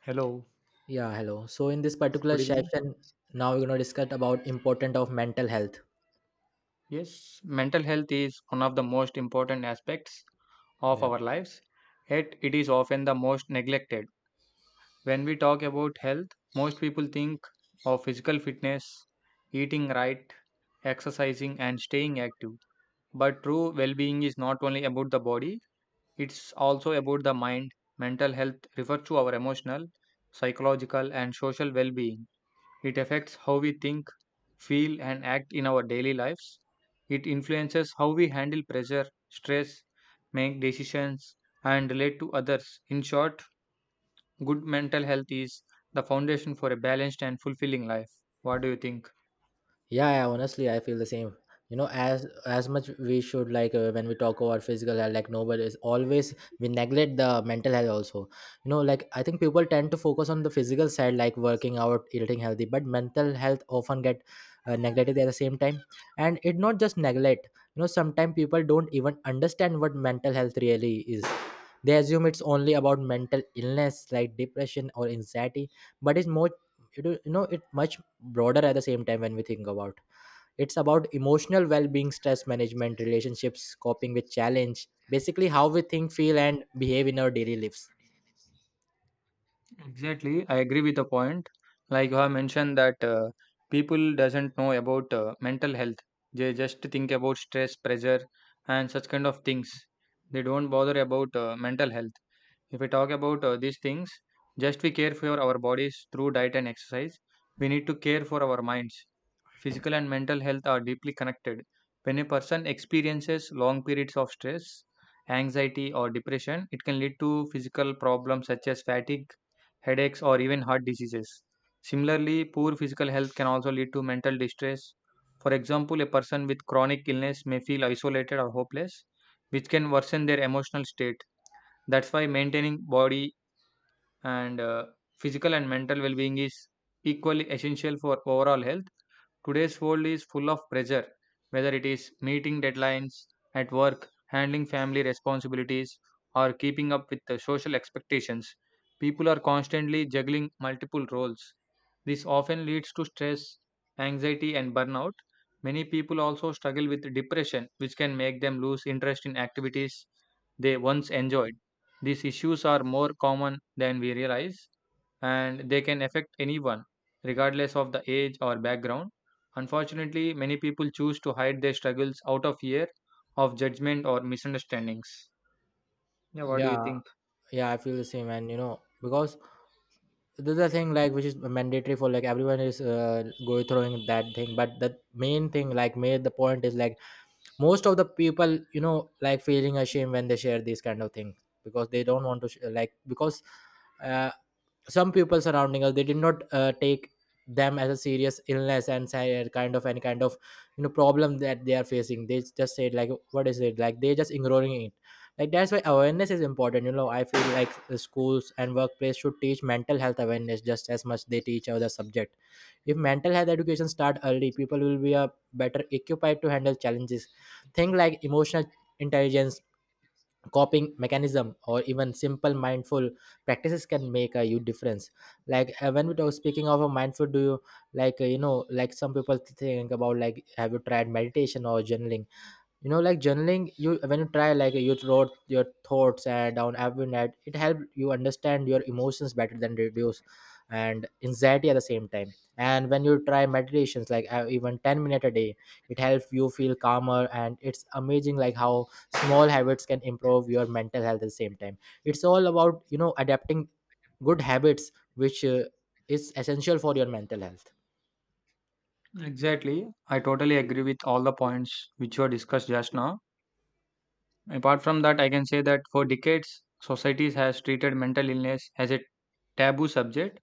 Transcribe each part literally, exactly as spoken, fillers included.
Hello, Yeah, hello. So in this particular good evening. session, now we're gonna discuss about important of mental health. Yes, mental health is one of the most important aspects of Yeah. our lives, yet it is often the most neglected. When we talk about health, most people think of physical fitness, eating right, exercising, and staying active. But true well being is not only about the body, it's also about the mind. Mental health refers to our emotional, psychological, and social well being. It affects how we think, feel, and act in our daily lives. It influences how we handle pressure, stress, make decisions, and relate to others. In short, good mental health is the foundation for a balanced and fulfilling life. What do you think? yeah, yeah honestly i feel the same, you know, as as much we should, like uh, when we talk about physical health, like nobody is always, we neglect the mental health also, you know. Like i think people tend to focus on the physical side like working out, eating healthy, but mental health often get uh, neglected at the same time. And it not just neglect, you know. Sometimes people don't even understand what mental health really is. They assume it's only about mental illness like depression or anxiety, but it's more, it, you know it much broader at the same time. When we think about, it's about emotional well-being, stress management, relationships, coping with challenge, basically how we think, feel and behave in our daily lives. Exactly, I agree with the point. Like you have mentioned that uh, people doesn't know about uh, mental health. They just think about stress, pressure, and such kind of things. They don't bother about uh, mental health. If we talk about uh, these things, just we care for our bodies through diet and exercise, we need to care for our minds. Physical and mental health are deeply connected. When a person experiences long periods of stress, anxiety, or depression, it can lead to physical problems such as fatigue, headaches, or even heart diseases. Similarly, poor physical health can also lead to mental distress. For example, a person with chronic illness may feel isolated or hopeless, which can worsen their emotional state. That's why maintaining body and uh, physical and mental well being is equally essential for overall health. Today's world is full of pressure, whether it is meeting deadlines at work, handling family responsibilities, or keeping up with the social expectations. People are constantly juggling multiple roles. This often leads to stress, anxiety, and burnout. Many people also struggle with depression, which can make them lose interest in activities they once enjoyed. These issues are more common than we realize, and they can affect anyone, regardless of the age or background. Unfortunately, many people choose to hide their struggles out of fear of judgment or misunderstandings. Yeah, what do you Yeah, think? yeah, i feel the same. And you know, because this is a thing like which is mandatory for, like everyone is uh, going through that thing, but the main thing, like made the point is like most of the people, you know, like feeling ashamed when they share this kind of thing, because they don't want to sh- like, because uh, some people surrounding us, they did not uh, take them as a serious illness, and say, uh, kind of any kind of, you know, problem that they are facing, they just said like, what is it? Like they're just ignoring it. Like that's why awareness is important. You know, i feel like the schools and workplace should teach mental health awareness just as much they teach other subject. If mental health education start early, people will be a better equipped to handle challenges. Things like emotional intelligence, coping mechanism, or even simple mindful practices can make a huge difference. Like uh, when we talk, speaking of a mindful, do you like uh, you know, like some people think about, like have you tried meditation or journaling? You know like journaling, you, when you try like you wrote your thoughts uh, down every night, it helped you understand your emotions better than reduce and anxiety at the same time. And when you try meditations like uh, even ten minute a day, it helps you feel calmer, and it's amazing like how small habits can improve your mental health at the same time. It's all about, you know, adapting good habits, which uh, is essential for your mental health. Exactly. I totally agree with all the points which were discussed just now. Apart from that, I can say that for decades, societies has treated mental illness as a taboo subject.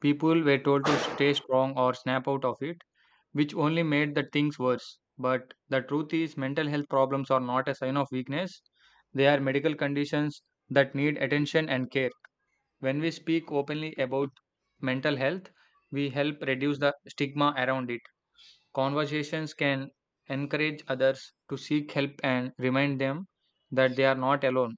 People were told to stay strong or snap out of it, which only made the things worse. But the truth is, mental health problems are not a sign of weakness. They are medical conditions that need attention and care. When we speak openly about mental health, we help reduce the stigma around it. Conversations can encourage others to seek help and remind them that they are not alone.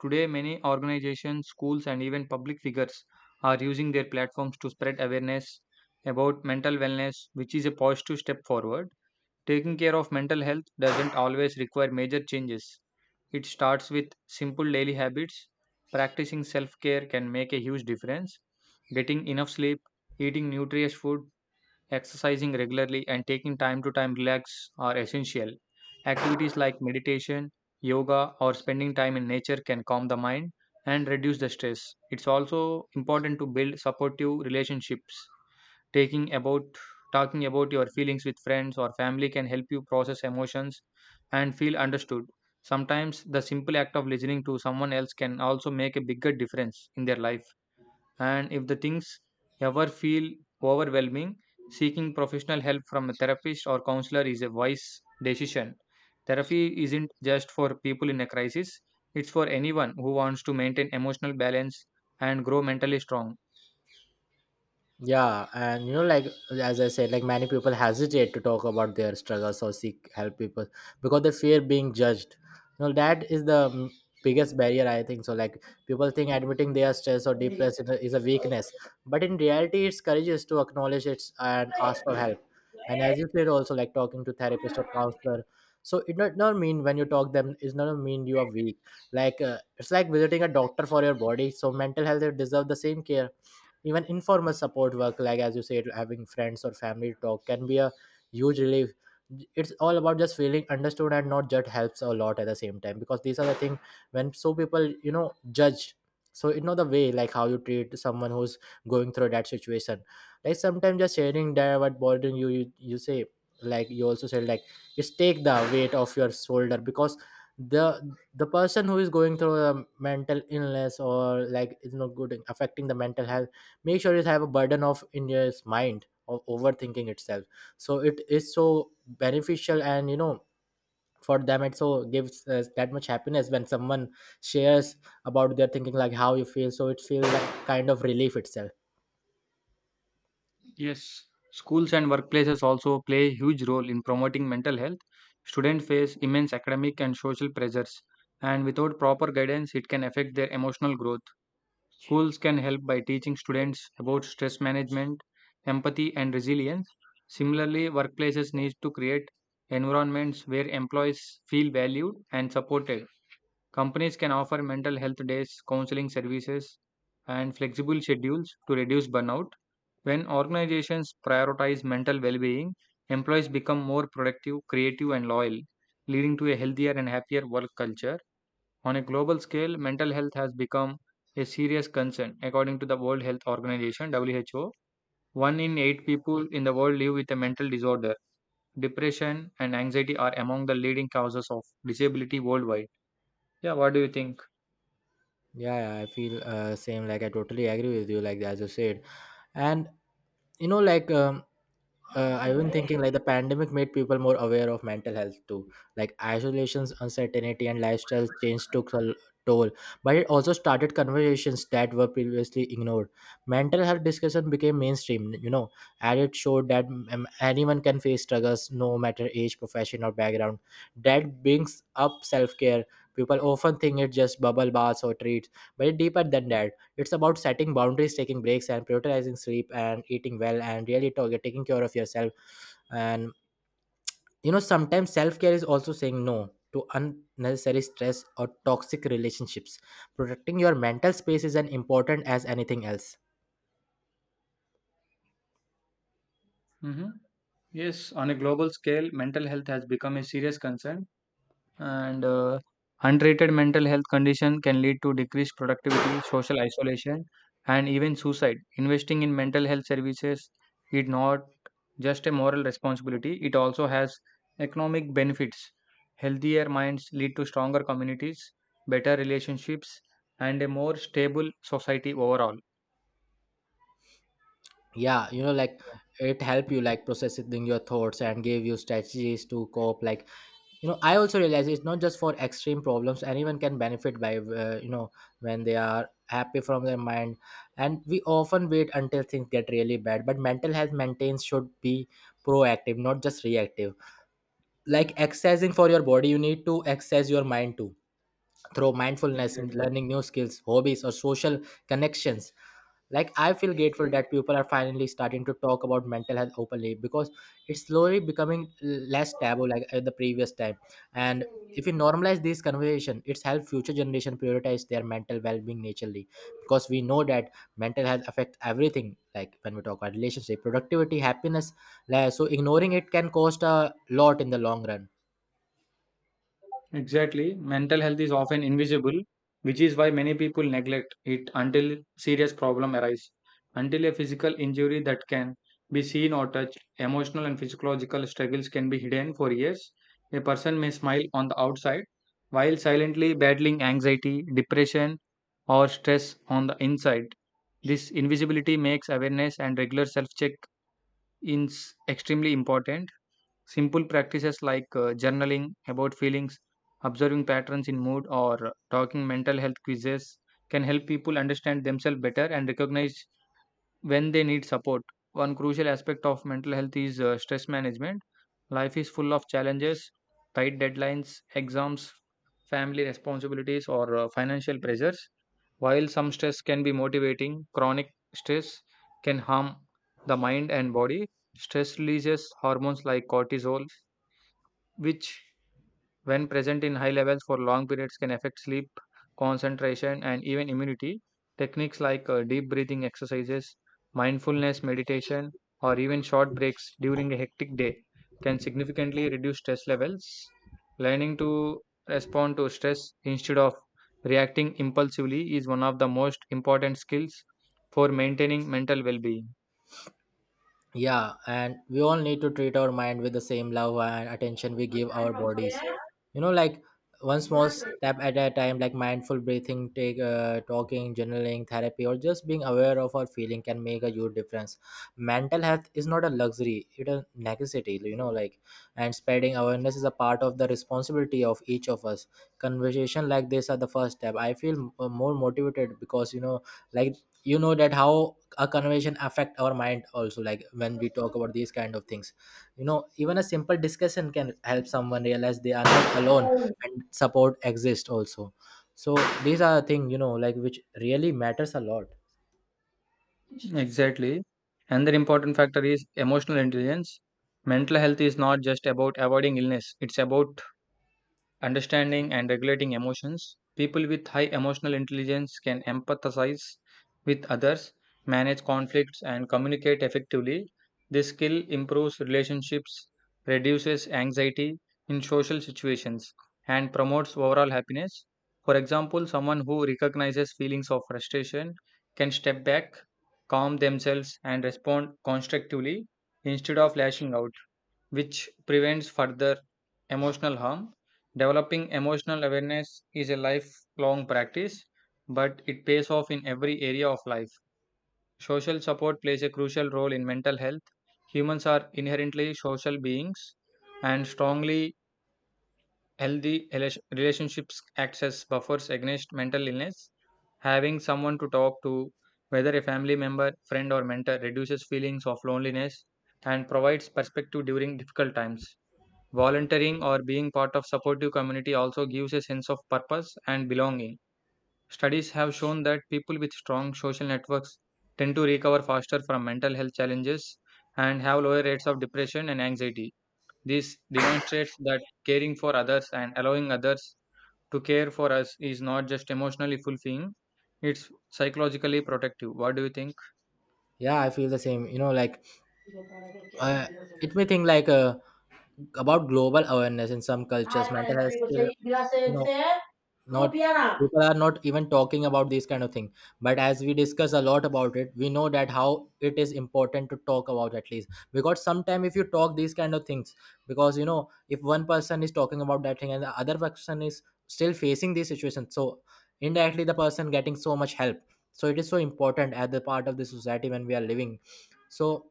Today, many organizations, schools, and even public figures are using their platforms to spread awareness about mental wellness, which is a positive step forward. Taking care of mental health doesn't always require major changes. It starts with simple daily habits. Practicing self care can make a huge difference. Getting enough sleep, eating nutritious food, exercising regularly, and taking time to time relax are essential. Activities like meditation, yoga, or spending time in nature can calm the mind and reduce the stress. It's also important to build supportive relationships, taking about talking about your feelings with friends or family can help you process emotions and feel understood. Sometimes the simple act of listening to someone else can also make a bigger difference in their life, and if the things ever feel overwhelming, seeking professional help from a therapist or counselor is a wise decision. Therapy isn't just for people in a crisis, it's for anyone who wants to maintain emotional balance and grow mentally strong. Yeah, and you know, like as i said, like many people hesitate to talk about their struggles or seek help, people, because they fear being judged. You know, that is the mm, biggest barrier, i think. So like people think admitting they are stressed or depressed is a is a weakness, but in reality it's courageous to acknowledge it and ask for help. And as you said also, like talking to therapist or counselor, so it not, not mean when you talk them, it's not mean you are weak. Like uh, it's like visiting a doctor for your body, so mental health deserve the same care. Even informal support work, like as you said, having friends or family talk can be a huge relief. It's all about just feeling understood and not judged, helps a lot at the same time, because these are the thing when so people, you know, judge. So you know the way like how you treat someone who's going through that situation, like sometimes just sharing that what bothering you, you you say, like you also said, like just take the weight off your shoulder, because the the person who is going through a mental illness or like is not good, affecting the mental health, make sure it have a burden of in your mind of overthinking itself. So it is so beneficial. And you know, for them it so gives us that much happiness when someone shares about their thinking, like how you feel, so it feels like kind of relief itself. Yes, schools and workplaces also play a huge role in promoting mental health. Students face immense academic and social pressures, and without proper guidance, it can affect their emotional growth. Schools can help by teaching students about stress management, empathy, and resilience. Similarly, workplaces need to create environments where employees feel valued and supported. Companies can offer mental health days, counseling services, and flexible schedules to reduce burnout. When organizations prioritize mental well being, employees become more productive, creative, and loyal, leading to a healthier and happier work culture. On a global scale, mental health has become a serious concern, according to the World Health Organization (W H O). One in eight people in the world live with a mental disorder. Depression and anxiety are among the leading causes of disability worldwide. Yeah, what do you think? Yeah, yeah, i feel uh, same, like i totally agree with you, like as you said. And you know, like um, uh, I've been thinking, like the pandemic made people more aware of mental health too. Like isolations, uncertainty, and lifestyle change took a l- toll, but it also started conversations that were previously ignored. Mental health discussion became mainstream, you know, and it showed that um, anyone can face struggles, no matter age, profession, or background. That brings up self care. People often think it's just bubble baths or treats, but it's deeper than that. It's about setting boundaries, taking breaks, and prioritizing sleep and eating well, and really to- taking care of yourself. And you know, sometimes self care is also saying no to unnecessary stress or toxic relationships. Protecting your mental space is as important as anything else. Hmm. Yes, on a global scale, mental health has become a serious concern, and uh, untreated mental health condition can lead to decreased productivity, social isolation, and even suicide. Investing in mental health services is not just a moral responsibility; it also has economic benefits. Healthier minds lead to stronger communities, better relationships, and a more stable society overall. Yeah, you know, like Yeah, it help you like processing your thoughts and give you strategies to cope. Like you know, i also realize it's not just for extreme problems, anyone can benefit by uh, you know, when they are happy from their mind. And we often wait until things get really bad, but mental health maintenance should be proactive, not just reactive. Like exercising for your body, you need to exercise your mind too, through mindfulness, exactly. learning new skills, hobbies, or social connections. Like i feel grateful that people are finally starting to talk about mental health openly, because it's slowly becoming less taboo like at the previous time. And if we normalize this conversation, it's help future generation prioritize their mental well-being naturally. Because we know that mental health affects everything, like when we talk about relationship, productivity, happiness, like, so ignoring it can cost a lot in the long run. Exactly. Mental health is often invisible, which is why many people neglect it until serious problem arise. Until a physical injury that can be seen or touched, emotional and physiological struggles can be hidden for years. A person may smile on the outside while silently battling anxiety, depression, or stress on the inside. This invisibility makes awareness and regular self check ins extremely important. Simple practices like uh, journaling about feelings, observing patterns in mood, or uh, talking mental health quizzes can help people understand themselves better and recognize when they need support. One crucial aspect of mental health is uh, stress management. Life is full of challenges, tight deadlines, exams, family responsibilities, or uh, financial pressures. While some stress can be motivating, chronic stress can harm the mind and body. Stress releases hormones like cortisol, which, when present in high levels for long periods, can affect sleep, concentration, and even immunity. Techniques like uh, deep breathing exercises, mindfulness meditation, or even short breaks during a hectic day can significantly reduce stress levels. Learning to respond to stress instead of reacting impulsively is one of the most important skills for maintaining mental well being. Yeah, and we all need to treat our mind with the same love and attention we give our bodies. You know, like one small step at a time, like mindful breathing, take uh, talking, journaling, therapy, or just being aware of our feeling can make a huge difference. Mental health is not a luxury; it's a necessity. You know, like and spreading awareness is a part of the responsibility of each of us. Conversation like this are the first step. I feel uh, more motivated because you know, like you know that how a conversation affect our mind also, like when we talk about these kind of things, you know, even a simple discussion can help someone realize they are not alone, and support exists also. So these are the thing, you know, like which really matters a lot. Exactly. Another important factor is emotional intelligence. Mental health is not just about avoiding illness, it's about understanding and regulating emotions. People with high emotional intelligence can empathize with others, manage conflicts, and communicate effectively. This skill improves relationships, reduces anxiety in social situations, and promotes overall happiness. For example, someone who recognizes feelings of frustration can step back, calm themselves, and respond constructively instead of lashing out, which prevents further emotional harm. Developing emotional awareness is a lifelong practice, but it pays off in every area of life. Social support plays a crucial role in mental health. Humans are inherently social beings, and strongly healthy rela- relationships acts as buffers against mental illness. Having someone to talk to, whether a family member, friend, or mentor, reduces feelings of loneliness and provides perspective during difficult times. Volunteering or being part of supportive community also gives a sense of purpose and belonging. Studies have shown that people with strong social networks tend to recover faster from mental health challenges and have lower rates of depression and anxiety. This demonstrates that caring for others and allowing others to care for us is not just emotionally fulfilling, it's psychologically protective. What do you think? Yeah, i feel the same, you know, like uh, it may think like uh, about global awareness, in some cultures mental health still, you know, not, people are not even talking about these kind of thing. But as we discuss a lot about it, we know that how it is important to talk about, at least because sometime if you talk these kind of things, because you know, if one person is talking about that thing and the other person is still facing this situation, so indirectly the person getting so much help. So it is so important at the part of the society when we are living. So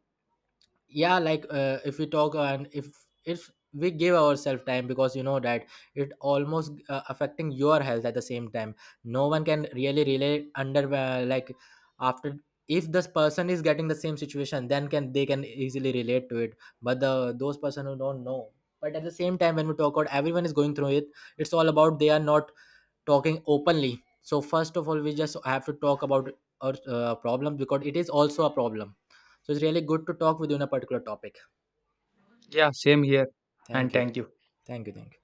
yeah, like uh, if we talk uh, and if if we give ourselves time, because you know that it almost uh, affecting your health at the same time, no one can really relate under uh, like after, if this person is getting the same situation then can, they can easily relate to it. But the those person who don't know, but at the same time when we talk about everyone is going through it, it's all about they are not talking openly. So first of all we just have to talk about our uh, problem, because it is also a problem. So it's really good to talk within a particular topic. Yeah, same here. And Thank you. thank you. Thank you. Thank